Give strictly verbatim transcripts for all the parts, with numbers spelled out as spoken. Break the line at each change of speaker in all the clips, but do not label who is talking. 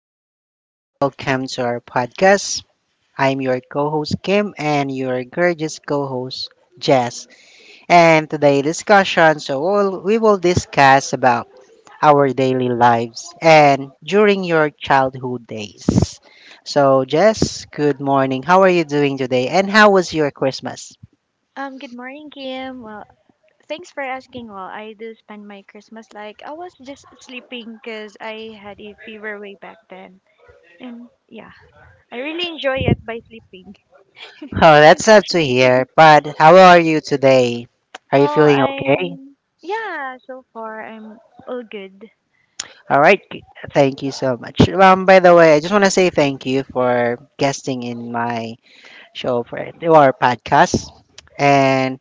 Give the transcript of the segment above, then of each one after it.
day and welcome to our podcast. I'm your co host, Kim, and your gorgeous co host, Jess. And today discussion, so we'll, we will discuss about our daily lives and during your childhood days. So, Jess, good morning. How are you doing today? And how was your Christmas?
Um, good morning, Kim. Well, thanks for asking. Well, I do spend my Christmas like I was just sleeping because I had a fever way back then. And yeah, I really enjoy it by sleeping.
Oh, that's sad to hear, but how are you today? Are you
Well,
feeling okay?
I'm, yeah, so far I'm all good.
All right. g- Thank you so much. Um, by the way, I just want to say thank you for guesting in my show for our podcast. And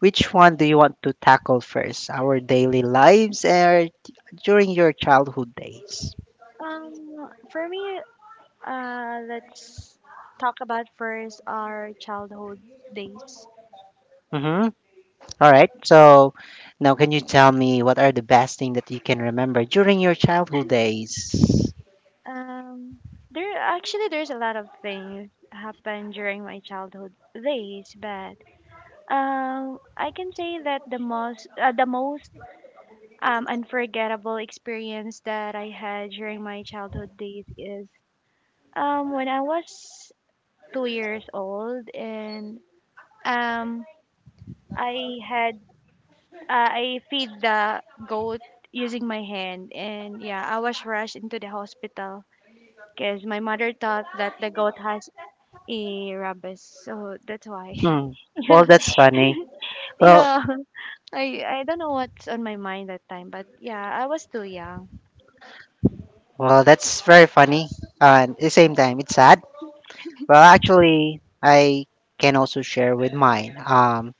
which one do you want to tackle first? Our daily lives or during your childhood days?
Um, for me, uh, let's talk about first our childhood days.
Mm-hmm. All right. So now, can you tell me what are the best thing that you can remember during your childhood days?
Um, there actually there's a lot of things happened during my childhood days, but Um, I can say that the most uh, the most um, unforgettable experience that I had during my childhood days is um, when I was two years old, and um, I had uh, I feed the goat using my hand. And yeah, I was rushed into the hospital because my mother thought that the goat has a rabies, so that's why
Hmm.
yeah
Well, that's funny. Well,
yeah, I I don't know what's on my mind that time, but yeah, I was too young.
well, that's very funny. And at the same time, it's sad. Well, actually, I can also share with mine. Um,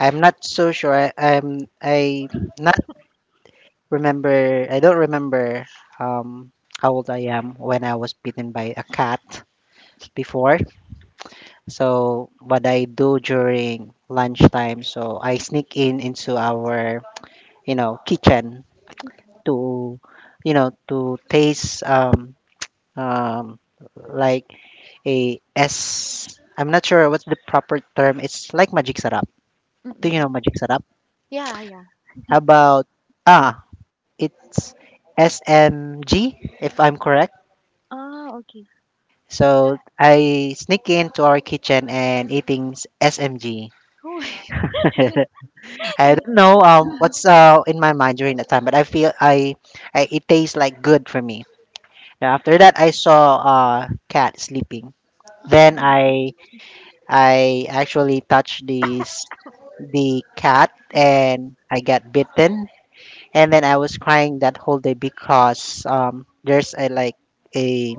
I'm not so sure. I, I'm I not remember. I don't remember um, how old I am when I was bitten by a cat before. So what I do during lunchtime, so I sneak in into our you know kitchen to you know to taste um, um, like a S. I'm not sure what's the proper term. It's like magic sarap. Do you
Mm-mm.
know magic sarap?
Yeah, yeah.
How about ah, it's S M G if I'm correct.
Oh, okay.
So I sneak into our kitchen and eating s- SMG.
Cool.
I don't know um what's uh in my mind during that time, but I feel I, I it tastes like good for me. Now after that, I saw uh cat sleeping. Then I I actually touched this the cat and I got bitten, and then I was crying that whole day because um, there's a like a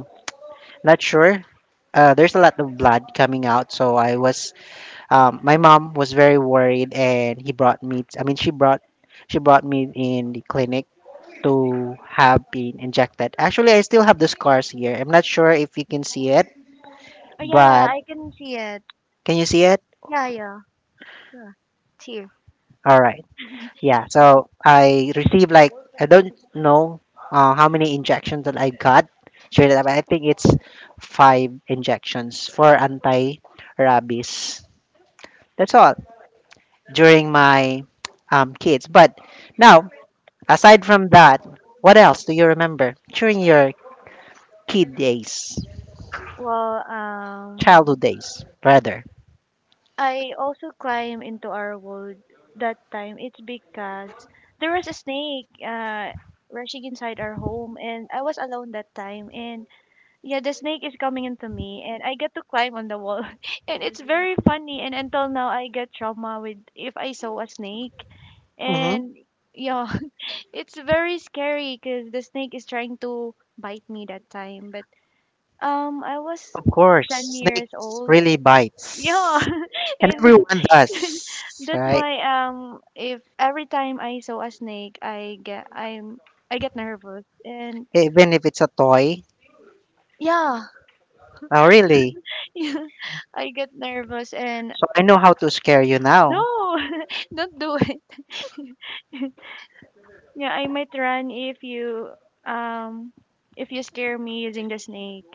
not sure. Uh, there's a lot of blood coming out, so I was. Um, my mom was very worried, and he brought me. I mean, she brought she brought me in the clinic to have been injected. Actually, I still have the scars here. I'm not sure if you can see it,
Oh, yeah,
but
I can see it.
can you see it?
Yeah, yeah, yeah. It's here.
All right. Yeah, so I received like I don't know uh, how many injections that I got straight up. I think it's five injections for anti-rabies. That's all during my um, kids. But now, aside from that, what else do you remember during your kid days,
Well, um,
childhood days, rather?
I also climb into our wood that time. It's because there was a snake uh rushing inside our home, and I was alone that time, and yeah, the snake is coming into me, and I get to climb on the wall, and it's very funny. And until now, I get trauma with if I saw a snake,
Mm-hmm.
and yeah, it's very scary because the snake is trying to bite me that time. But um, I was
Of
ten
course,
years
snakes
old.
really
Yeah,
bites, and
and
everyone does,
that's
right?
why um, if every time I saw a snake, I get I'm I get nervous, and
Even if it's a toy.
yeah.
Oh, really?
I get nervous and
So I know how to scare you now.
no. Don't do it. Yeah, I might run if you um if you scare me using the snake.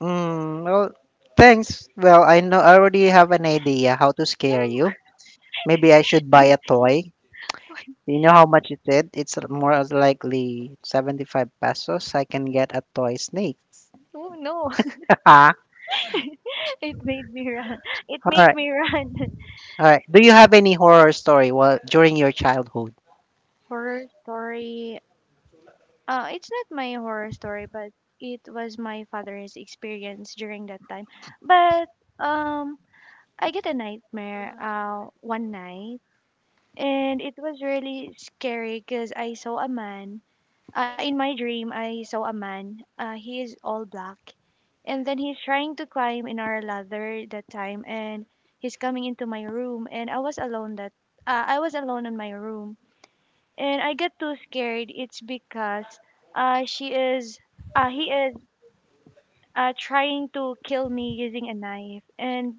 Mm, well, thanks. Well, I know I already have an idea how to
No,
scare you. Maybe I should buy a toy. You know how much it is? It's more as likely seventy-five pesos. I can get a toy snake.
oh, no.
Ah,
It made me run. It
all
make
right.
me run.
All right. Do you have any horror story while during your childhood?
Horror story. Uh, it's not my horror story, but it was my father's experience during that time. But um, I get a nightmare uh one night, and it was really scary because I saw a man Uh, in my dream, I saw a man. Uh, he is all black. And then he's trying to climb in our ladder that time. And he's coming into my room. And I was alone that uh, I was alone in my room. And I got too scared. It's because uh, she is uh, he is uh, trying to kill me using a knife. And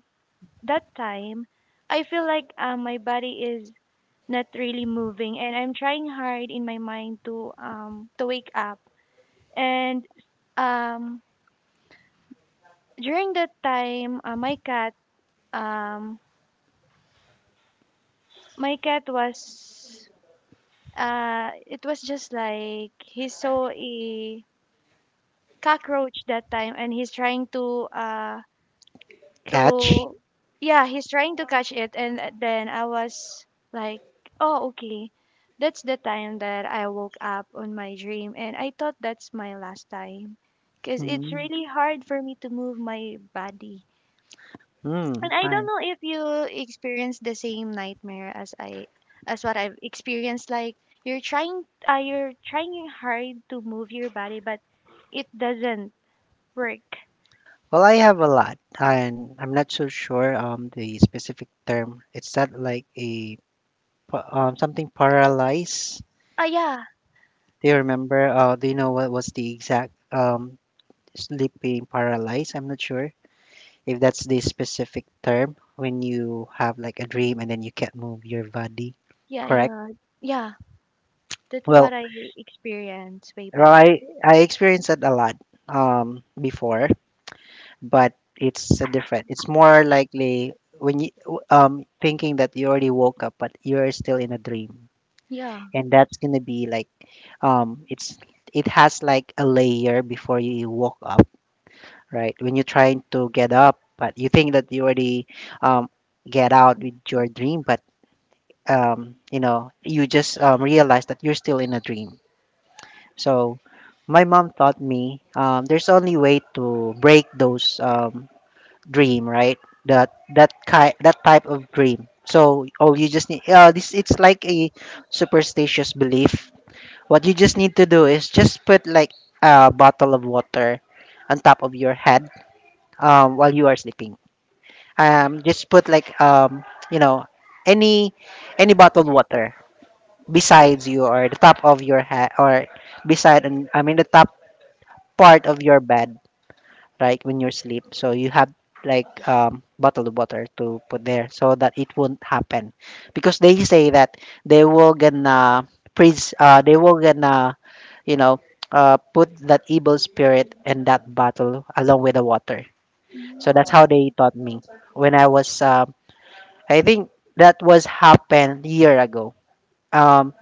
that time, I feel like uh, my body is not really moving. And I'm trying hard in my mind to um, to wake up. And um, during that time, uh, my cat, um, my cat was, uh, it was just like he saw a cockroach that time, and he's trying to, uh,
Catch?
to, yeah, he's trying to catch it, and then I was like, oh, okay. That's the time that I woke up on my dream, and I thought that's my last time, because it's
Hmm.
really hard for me to move my body.
Hmm.
And I don't
Hi.
know if you experience the same nightmare as I as what I've experienced. Like you're trying uh, you're trying hard to move your body, but it doesn't work.
Well, I have a lot, and I'm not so sure um the specific term. It's not like a pa- um, something paralyzed.
Ah, yeah,
Do you remember? Uh, do you know what was the exact um, sleeping paralyzed? I'm not sure if that's the specific term when you have like a dream and then you can't move your body.
yeah,
Correct.
yeah, yeah. That's
Well,
what I experienced way
well,
back.
I I experienced that a lot um, before, but it's a different. It's more likely when you um, thinking that you already woke up, but you're still in a dream,
Yeah.
and that's gonna be like um it's it has like a layer before you walk up, right? When you're trying to get up, but you think that you already um get out with your dream, but um you know, you just um, realize that you're still in a dream. So my mom taught me um there's only way to break those um dream, right? That that kind that type of dream. So all you just need, uh, this, it's like a superstitious belief. What you just need to do is just put like a bottle of water on top of your head, um, while you are sleeping. Um, just put like um, you know, any any bottled water besides you or the top of your head or beside, and I mean the top part of your bed, right when you sleep. So you have like um, bottled water to put there so that it won't happen, because they say that they will gonna freeze uh, they will gonna, you know, uh, put that evil spirit in that bottle along with the water. So that's how
Mm.
they taught me when I was, um, I think that was happened year ago. Um,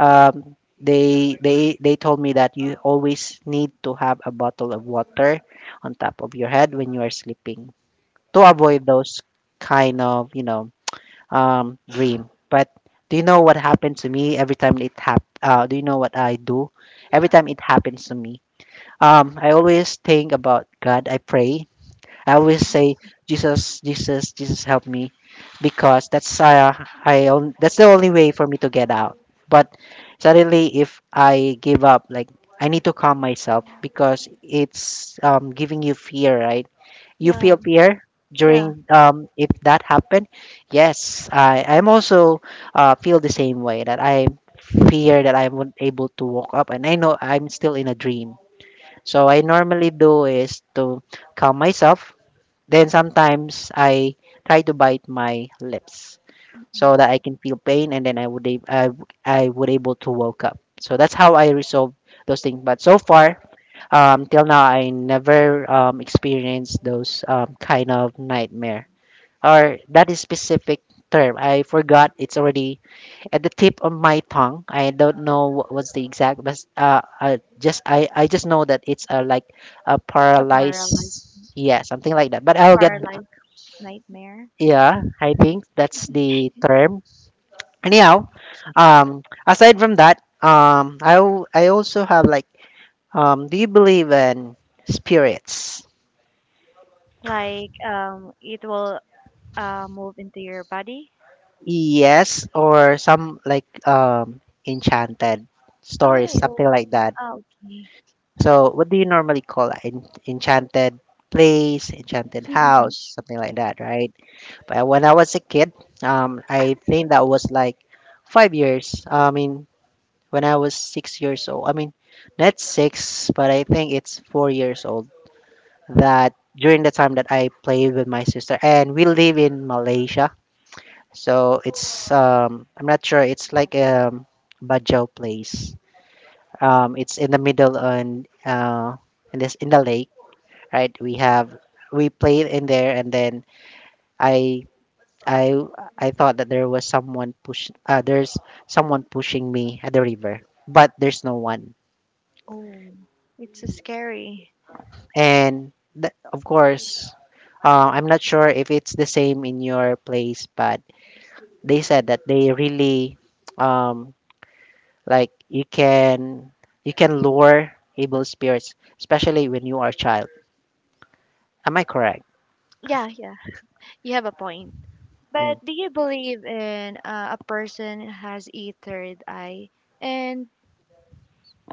um, they they they told me that you always need to have a bottle of water on top of your head when you are sleeping to avoid those kind of you know um, dream. But do you know what happened to me every time it hap- uh, Do you know what I do every time it happens to me? Um, I always think about God. I pray. I always say, Jesus, Jesus, Jesus, help me, because that's uh, I on, that's the only way for me to get out. But suddenly, if I give up, like, I need to calm myself because it's um, giving you fear, right? You
Yeah,
feel fear
yeah.
during um, if that happened. Yes, I I'm also uh, feel the same way that I fear that I won't able to walk up, and I know I'm still in a dream, so I normally do is to calm myself. Then sometimes I try to bite my lips so
Mm.
that I can feel pain, and then I would ab- I, w- I would able to woke up. So that's how I resolve those things. But so far, um, till now, I never um, experienced those um, kind of nightmare, or that is specific term. I forgot. It's already at the tip of my tongue. I don't know what was the exact, but uh, I just I, I just know that it's a like a
A paralyzed,
paralyzed, yeah, something like that. But
a
I'll get back.
paralyzed nightmare.
Yeah, I think that's the term. Anyhow, um, aside from that, um, I al- I also have like, um, do you believe in spirits?
Like um, it will uh move into your body.
Yes, or some like um enchanted
Ah,
stories, something like
okay,
that.
ah, okay.
So, what do you normally call that? En- enchanted place, enchanted house, something like that, right? But when I was a kid, um, I think that was like five years. I mean, when I was six years old. I mean, not six, but I think it's four years old. That during the time that I played with my sister, and we live in Malaysia, so it's um, I'm not sure. It's like um, Bajau place. Um, it's in the middle on uh, in this in the lake, right? We have we played in there, and then I I I thought that there was someone push. Uh, there's someone pushing me at the river, but there's no one.
Oh, it's a scary.
And th- of course, uh, I'm not sure if it's the same in your place, but they said that they really um like you can you can lure evil spirits, especially when you are a child. Am I correct?
Yeah, yeah, you have a point.
Hmm.
But do you believe in uh, a person has a third eye? And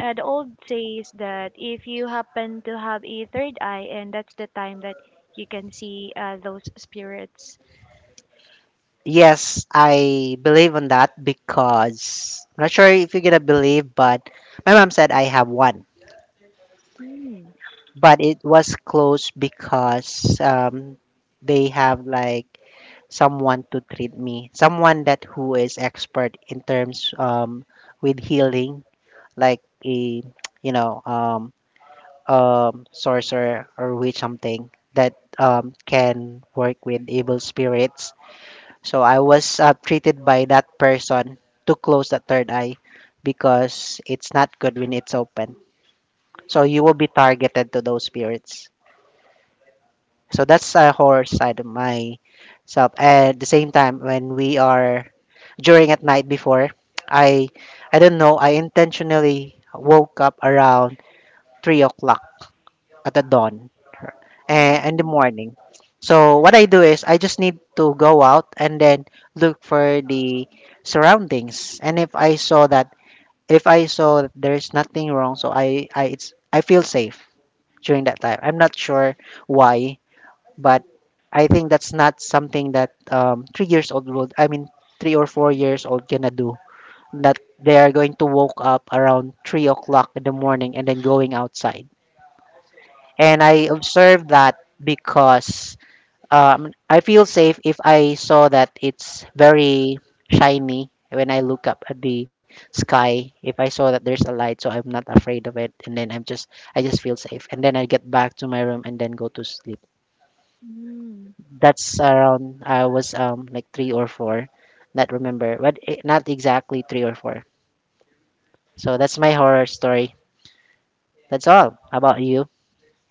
uh, the old says that if you happen to have a third eye, and that's the time that you can see uh, those spirits.
Yes, I believe on that because I'm not sure if you're gonna believe, but my mom said I have one,
Mm.
but it was close because um, they have like someone to treat me, someone that who is expert in terms um, with healing, like a you know um, um, sorcerer or witch, something that um, can work with evil spirits. So I was uh, treated by that person to close the third eye, because it's not good when it's open. So you will be targeted to those spirits. So that's a horror side of myself. At the same time, when we are during at night before, I I don't know. I intentionally woke up around three o'clock at the dawn, eh, in the morning. So what I do is I just need to go out and then look for the surroundings. And if I saw that, if I saw that there's nothing wrong, so I I it's I feel safe during that time. I'm not sure why, but I think that's not something that um, three years old would, I mean, three or four years old gonna do. That they are going to woke up around three o'clock in the morning and then going outside. And I observed that because um, I feel safe if I saw that it's very shiny when I look up at the sky. If I saw that there's a light, so I'm not afraid of it, and then I'm just I just feel safe, and then I get back to my room and then go to sleep.
Mm.
That's around I was um like three or four, not remember, but eh, not exactly three or four. So that's my horror story. That's all. How about you?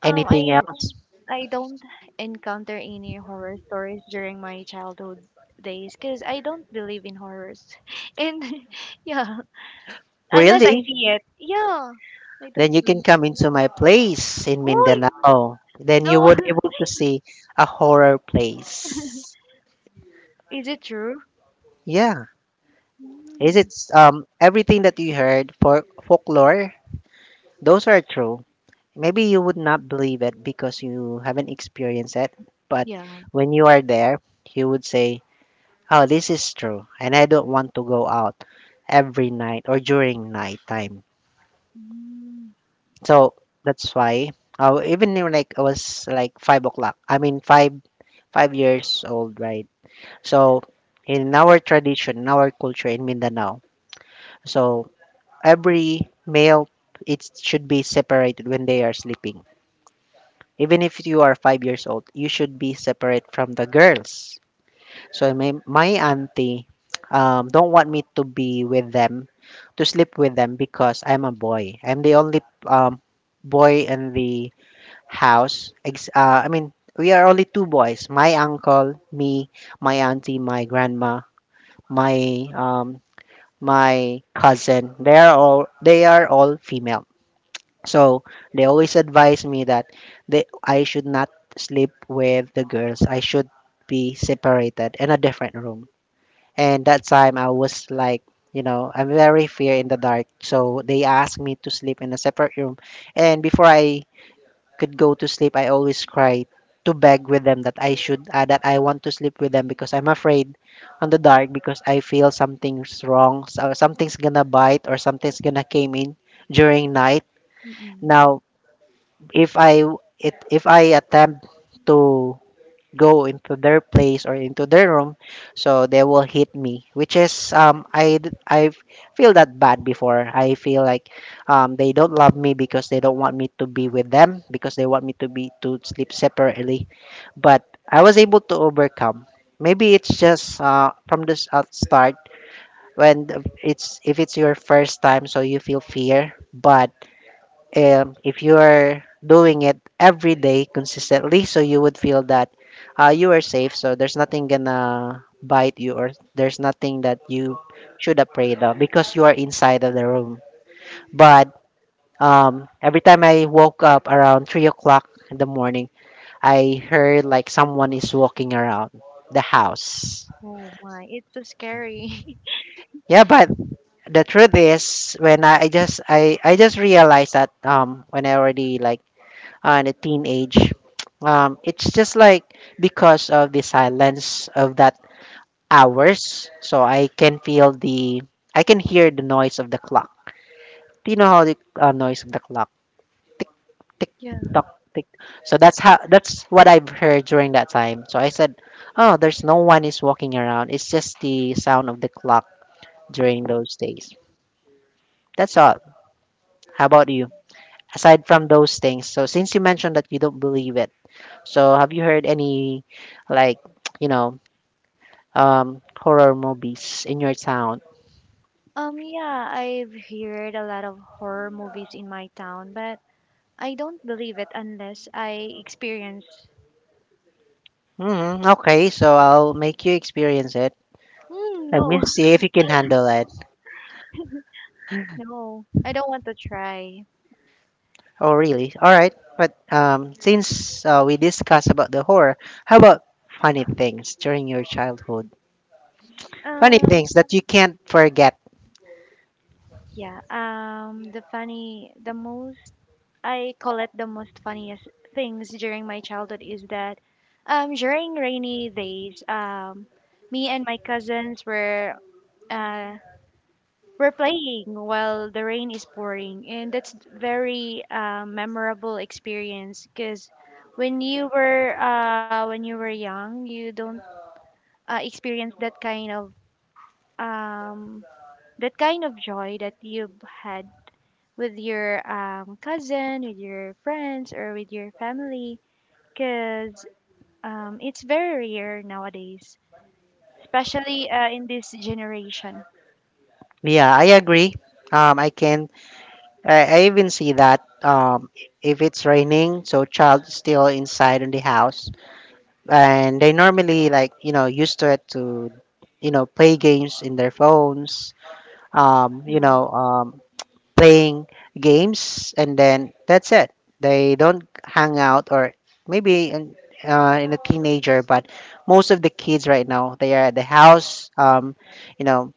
Um,
Anything
I
else?
I don't encounter any horror stories during my childhood days because I don't believe in horrors. And yeah, unless I
Really?
see it. Yeah. I don't
Then you can
believe it.
come into my place in
Oh,
Mindanao. Then you
no.
would able to see a horror place.
Is it true?
Yeah, is it
Mm.
um everything that you heard for folklore? Those are true. Maybe you would not believe it because you haven't experienced it, but
Yeah.
when you are there, you would say, "Oh, this is true," and I don't want to go out every night or during nighttime.
Mm.
So that's why. Uh, even in, like I was like five o'clock. I mean five five years old, right? So in our tradition, in our culture in Mindanao, so every male it should be separated when they are sleeping. Even if you are five years old, you should be separate from the girls. So my, my auntie um, don't want me to be with them, to sleep with them because I'm a boy. I'm the only um, boy in the house. Ex- uh, I mean, we are only two boys. My uncle, me, my auntie, my grandma, my um, my cousin. They are all they are all female. So they always advise me that they I should not sleep with the girls. I should be separated in a different room. And that time I was like, you know, I'm very fear in the dark. So they asked me to sleep in a separate room. And before I could go to sleep, I always cry to beg with them that I should uh, that I want to sleep with them because I'm afraid on the dark because I feel something's wrong, so something's gonna bite or something's gonna came in during night.
Mm-mm.
Now, if I it if I attempt to go into their place or into their room so they will hit me, which is um I d- I f- feel that bad before. I feel like um they don't love me because they don't want me to be with them because they want me to be to sleep separately, but I was able to overcome. Maybe it's just uh from this out start. When the- it's if it's your first time, so you feel fear, but um, if you are doing it every day consistently, so you would feel that uh, you are safe. So there's nothing gonna bite you, or there's nothing that you should afraid of because you are inside of the room. But um, every time I woke up around three o'clock in the morning, I heard like someone is walking around the house.
Oh my, it's so scary.
Yeah, but the truth is, when I, I just I I just realized that um when I already like and a teenage, um, it's just like because of the silence of that hours, so i can feel the I can hear the noise of the clock. Do you know how the uh, noise of the clock, tick, tick,
Yeah.
tock, tick, so that's how that's what I've heard during that time. So I said, oh, there's no one is walking around, it's just the sound of the clock during those days. That's all. How about you? Aside from those things, so since you mentioned that you don't believe it. So, have you heard any, like, you know, um, horror movies in your town?
Um, yeah, I've heard a lot of horror movies in my town, but I don't believe it unless I experience.
Mm, okay, so I'll make you experience it.
Mm,
Let me
no,
see if you can handle it.
no, I don't want to try.
Oh, really? All right. But um, since uh, we discussed about the horror, how about funny things during your childhood? Funny
Um,
things that you can't forget.
yeah. Um, the funny, the most I call it the most funniest things during my childhood is that um, during rainy days, um, me and my cousins were uh, were playing while the rain is pouring, and that's very uh, memorable experience because when you were uh, when you were young, you don't uh, experience that kind of um, that kind of joy that you've had with your um, cousin, with your friends, or with your family, because um, it's very rare nowadays, especially uh, in this generation.
Yeah, I agree. Um, I can. I, I even see that. Um, if it's raining, so child is still inside in the house. And they normally like you know used to it to you know play games in their phones, um you
Yeah,
know um playing games and then that's it. They don't hang out or maybe in, uh, in a teenager, but most of the kids right now they are at the house, um you know,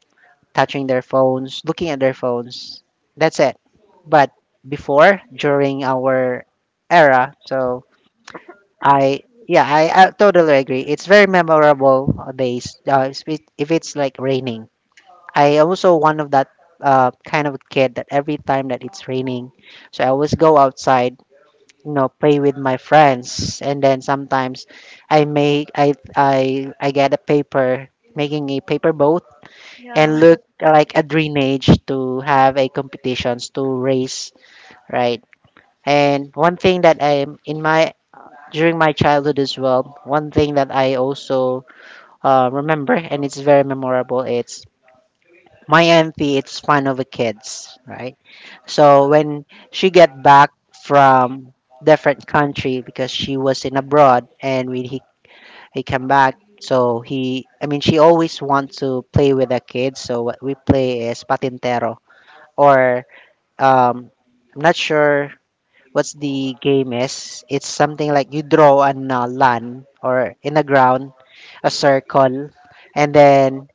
touching their phones, looking at their phones. That's it. But before, during our era so I, yeah, I, I totally agree. It's very memorable uh, days. Uh, spe- if it's like raining, I also one of that uh, kind of kid that every time that it's raining, so I always go outside, you know, play with my friends, and then sometimes I make I I I get a paper, making a paper boat
yeah.
and look like a drainage to have a competitions to race, right. And one thing that I am in my during my childhood as well, one thing that I also uh, remember and it's very memorable. It's my auntie. It's fun of the kids, right? So when she get back from different country because she was in abroad, and when he he came back, so he I mean she always wants to play with the kids. So what we play is patintero, or um, I'm not sure what's the game is. It's something like you draw on a land or in the ground a circle, and then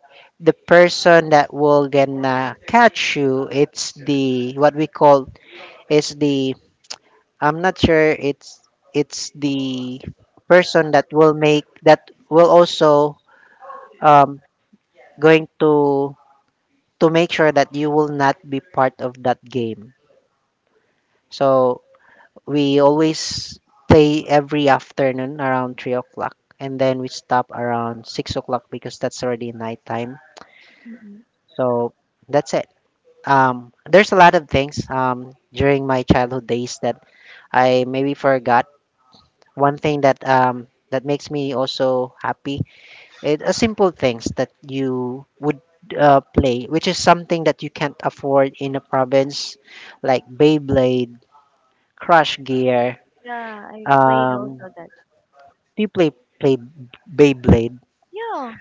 the person that will gonna catch you. It's the what we call is the, I'm not sure. It's it's the person that will make, that will also um going to to make sure that you will not be part of that game. So we always play every afternoon around three o'clock, and then we stop around six o'clock because that's already nighttime.
Mm-mm.
So that's it. Um, there's a lot of things um, during my childhood days that I maybe forgot. One thing that um, that makes me also happy, it a simple things that you would uh, play, which is something that you can't afford in a province, like Beyblade, Crush Gear,
Yeah. I played
um,
also that.
do you play play Beyblade?
Yeah,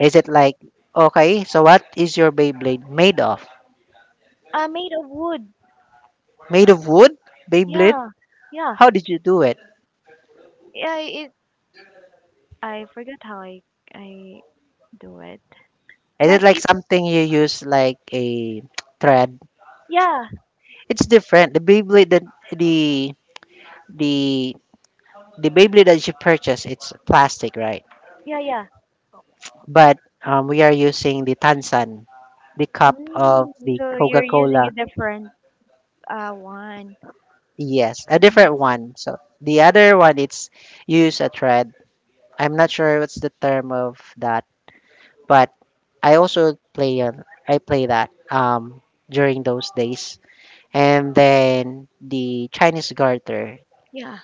Is it like okay? So what is your Beyblade made of?
uh, made of wood.
Made of wood? Beyblade?
Yeah, yeah.
How did you do it?
Yeah, it. I forgot how I I do it,
Is it
but
like
it.
something you use like a thread?
Yeah,
It's different. The Beyblade that the the the Beyblade that you purchase, it's plastic, right?
yeah, yeah.
But um, we are using the Tansan, the cup of
Mm,
the
so
Coca
you're using
Cola.
a different uh one.
Yes, a
Mm.
different one. So the other one, it's use a thread. I'm not sure what's the term of that, but I also play on I play that um during those days. And then the Chinese garter.
Yeah,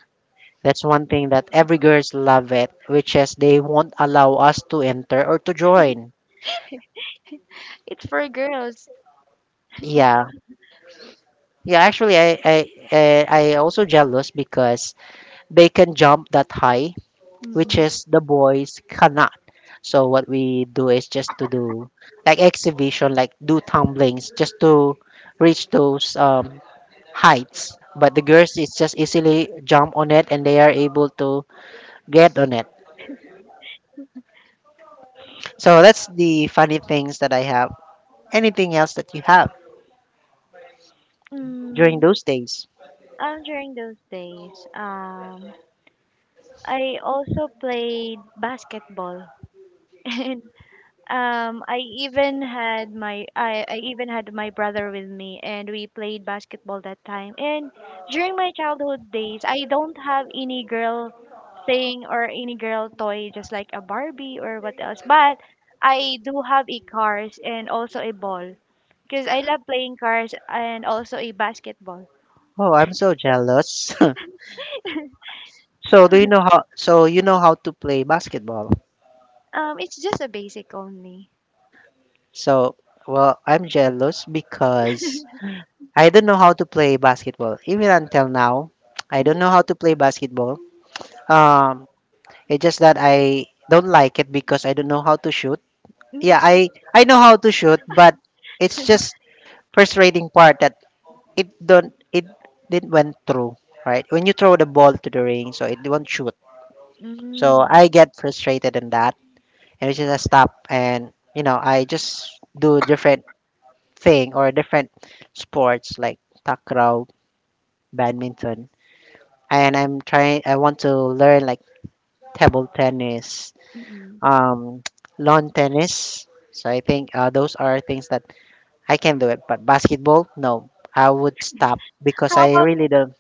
That's one thing that every girls love it, which is they won't allow us to enter or to join.
it's for girls.
Yeah. Yeah, actually I I I, I also jealous because they can jump that high, which is the boys cannot. So what we do is just to do like exhibition, like do tumblings, just to reach those um, heights. But the girls is just easily jump on it and they are able to get on it. So that's the funny things that I have. Anything else that you have during
Mm,
those days?
um, during those days, um, I also played basketball, and um, I even had my I, I even had my brother with me, and we played basketball that time. And during my childhood days, I don't have any girl thing or any girl toy, just like a Barbie or what else. But I do have a cars and also a ball, because I love playing cars and also a basketball.
Oh, I'm so jealous. So do you know how? So you know how to play basketball?
Um, it's just a basic only.
So well, I'm jealous because I don't know how to play basketball. Even until now, I
Hmm?
don't know how to play basketball. Um, it's just that I don't like it because I don't know how to shoot. Yeah, I I know how to shoot, but it's just frustrating part that it don't it didn't went through. Right when you throw the ball to the ring, so it won't shoot. So
Mm.
I get frustrated in that, and it's just I stop, and you know I just do different thing or different sports like takraw, badminton, and I'm trying I want to learn like table tennis,
Mm-mm.
um lawn tennis. So I think uh, those are things that I can do it, but basketball, no. I would stop because
How
I
about
really don't.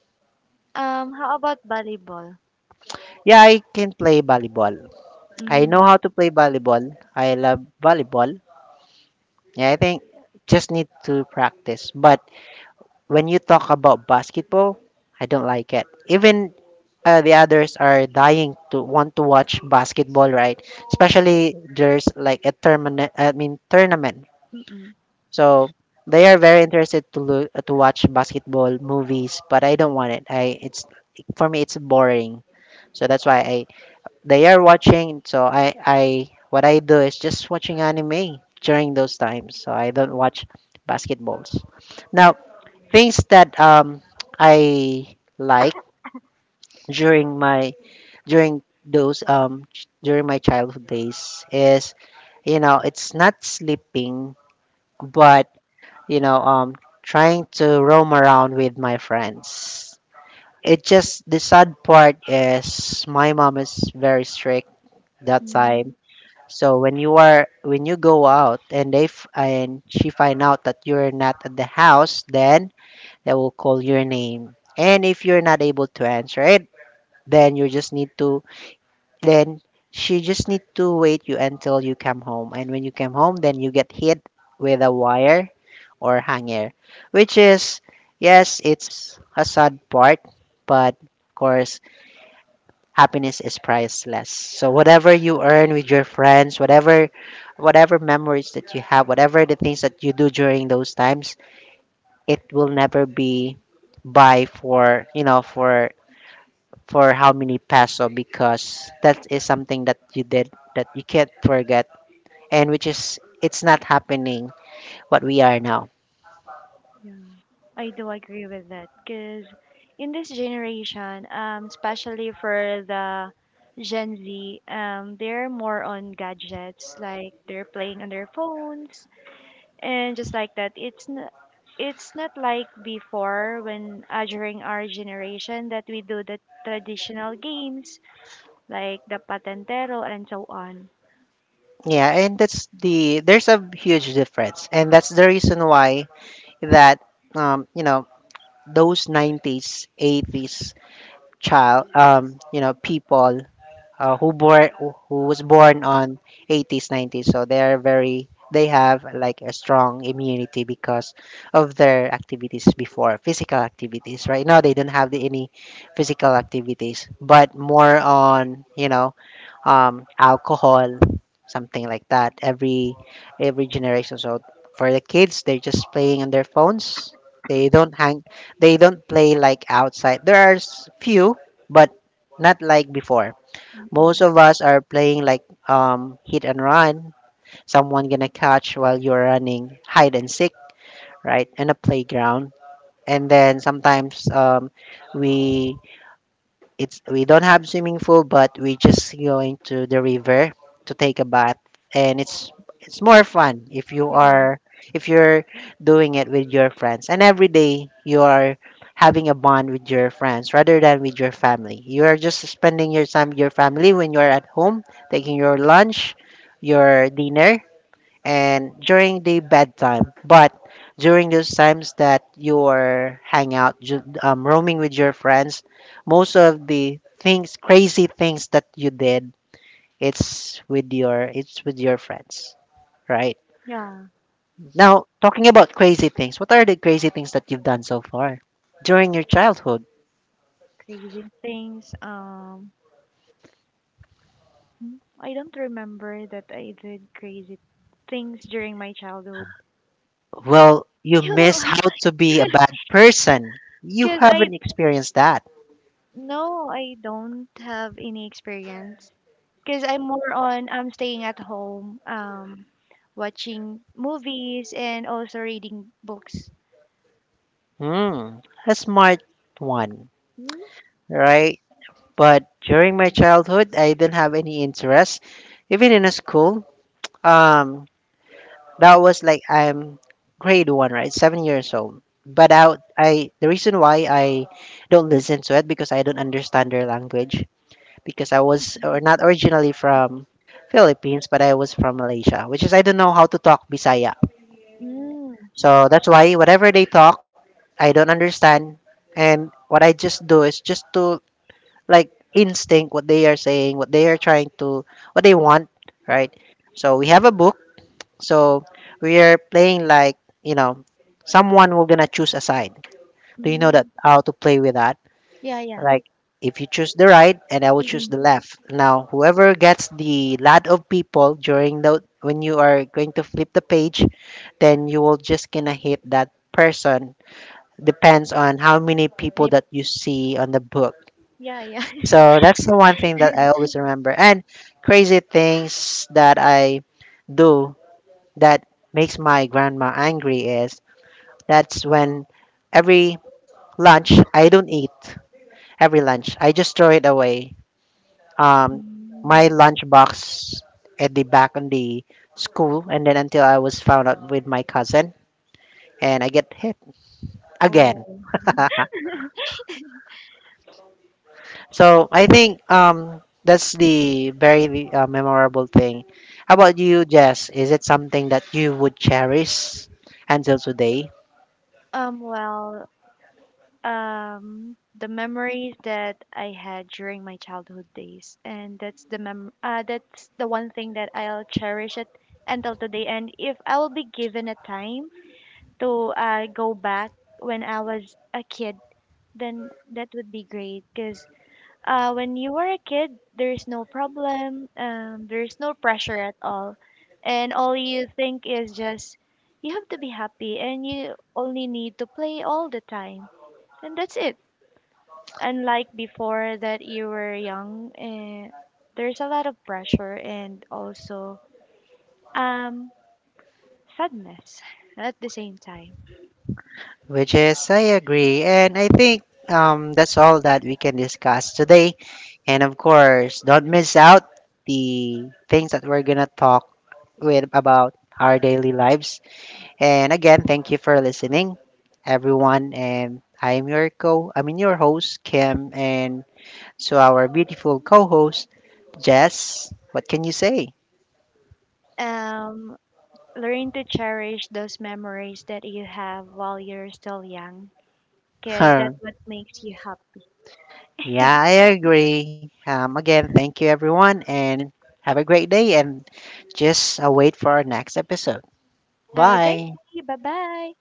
um how about volleyball?
Yeah, I can play volleyball. I know
Mm.
how to play volleyball. I love volleyball. Yeah, I think just need to practice. But when you talk about basketball, I don't like it. Even uh, the others are dying to want to watch basketball, right? Especially there's like a tournament. I mean tournament.
Mm-mm.
So they are very interested to look to watch basketball movies, but I don't want it. I it's for me it's boring. So that's why I they are watching. So I I what I do is just watching anime during those times. So I don't watch basketballs. Now, things that um I like during my during those um ch- during my childhood days is, you know, it's not sleeping, but you know, um trying to roam around with my friends. It just the sad part is my mom is very strict that
Mm,
time. So when you are, when you go out and they f- and she find out that you're not at the house, then they will call your name, and if you're not able to answer it, then you just need to then she just need to wait you until you come home. And when you come home, then you get hit with a wire or hanger, which is, yes, it's a sad part, but of course, happiness is priceless. So whatever you earn with your friends, whatever whatever memories that you have, whatever the things that you do during those times, it will never be by for, you know, for for how many peso, because that is something that you did that you can't forget, and which is it's not happening what we are now.
yeah. I do agree with that because in this generation, um, especially for the Gen Z, um, they're more on gadgets, like they're playing on their phones, and just like that, it's n- it's not like before when uh, during our generation that we do the traditional games like the patentero and so on.
Yeah, and that's the there's a huge difference, and that's the reason why that um you know those nineties eighties child um you know people uh, who born who was born on eighties nineties. So they're very, they have like a strong immunity because of their activities before, physical activities. Right now they don't have the, any physical activities, but more on you know um, alcohol, something like that every every generation. So for the kids, they're just playing on their phones. They don't hang, they don't play like outside. There are s- few, but not like before. Most
Mm-mm.
of us are playing like um, hit and run. Someone gonna catch while you're running, hide and seek, right, in a playground. And then sometimes um, we it's we don't have swimming pool, but we just going to the river to take a bath, and it's it's more fun if you
Yeah,
are if you're doing it with your friends, and every day you are having a bond with your friends rather than with your family. You are just spending your time with your family when you are at home, taking your lunch, your dinner, and during the bedtime. But during those times that you're hang out, ju- um, roaming with your friends, most of the things, crazy things that you did, it's with your it's with your friends, right?
yeah,
Now, talking about crazy things, what are the crazy things that you've done so far during your childhood?
crazy things. Um, hmm, I don't remember that I did crazy things during my childhood.
Well, you
Yeah,
miss how to be a bad person. You
because I
haven't experienced that.
no, I don't have any experience. Because I'm more on I'm staying at home, um, watching movies and also reading books.
Hmm, a smart one,
Mm,
right? But during my childhood, I didn't have any interest, even in a school. Um, that was like I'm grade one, right? Seven years old. But I, I the reason why I don't listen to it because I don't understand their language, because I was or not originally from Philippines, but I was from Malaysia, which is I don't know how to talk Bisaya.
mm,
So that's why whatever they talk, I don't understand. And what I just do is just to like instinct what they are saying, what they are trying to, what they want, right? So we have a book. So we are playing like, you know, someone, we're gonna choose a side. Do you know
mm.
that how to play with that?
Yeah, yeah.
Like if you choose the right, and I will choose
Mm-mm.
the left. Now, whoever gets the lot of people during the when you are going to flip the page, then you will just gonna hit that person, depends on how many people
Yep.
that you see on the book.
Yeah, yeah.
So that's the one thing that I always remember. And crazy things that I do that makes my grandma angry is that's when every lunch I don't eat. Every lunch I just throw it away. Um,
Mm.
my lunch box at the back on the school, and then until I was found out with my cousin, and I get hit again.
Oh,
So I think um that's the very uh, memorable thing. How about you, Jess? Is it something that you would cherish until today?
um, well, um, the memories that I had during my childhood days, and that's the mem uh, that's the one thing that I'll cherish it until today. And if I will be given a time to uh, go back when I was a kid, then that would be great, because Uh, when you were a kid, there is no problem. Um, there is no pressure at all, and all you think is just you have to be happy, and you only need to play all the time, and that's it. Unlike before that you were young, and there's a lot of pressure and also um sadness at the same time.
Which is, I agree, and I think um that's all that we can discuss today. And of course, don't miss out the things that we're gonna talk with about our daily lives. And again, thank you for listening, everyone. And I'm your co, I mean your host Kim, and so, our beautiful co host, Jess, what can you say?
Um, Learn to cherish those memories that you have while you're still young, because
Huh.
that's what makes you happy.
Yeah, I agree. Um, again, thank you, everyone, and have a great day. And just uh, wait for our next episode.
Have a great
Bye.
day. Bye bye.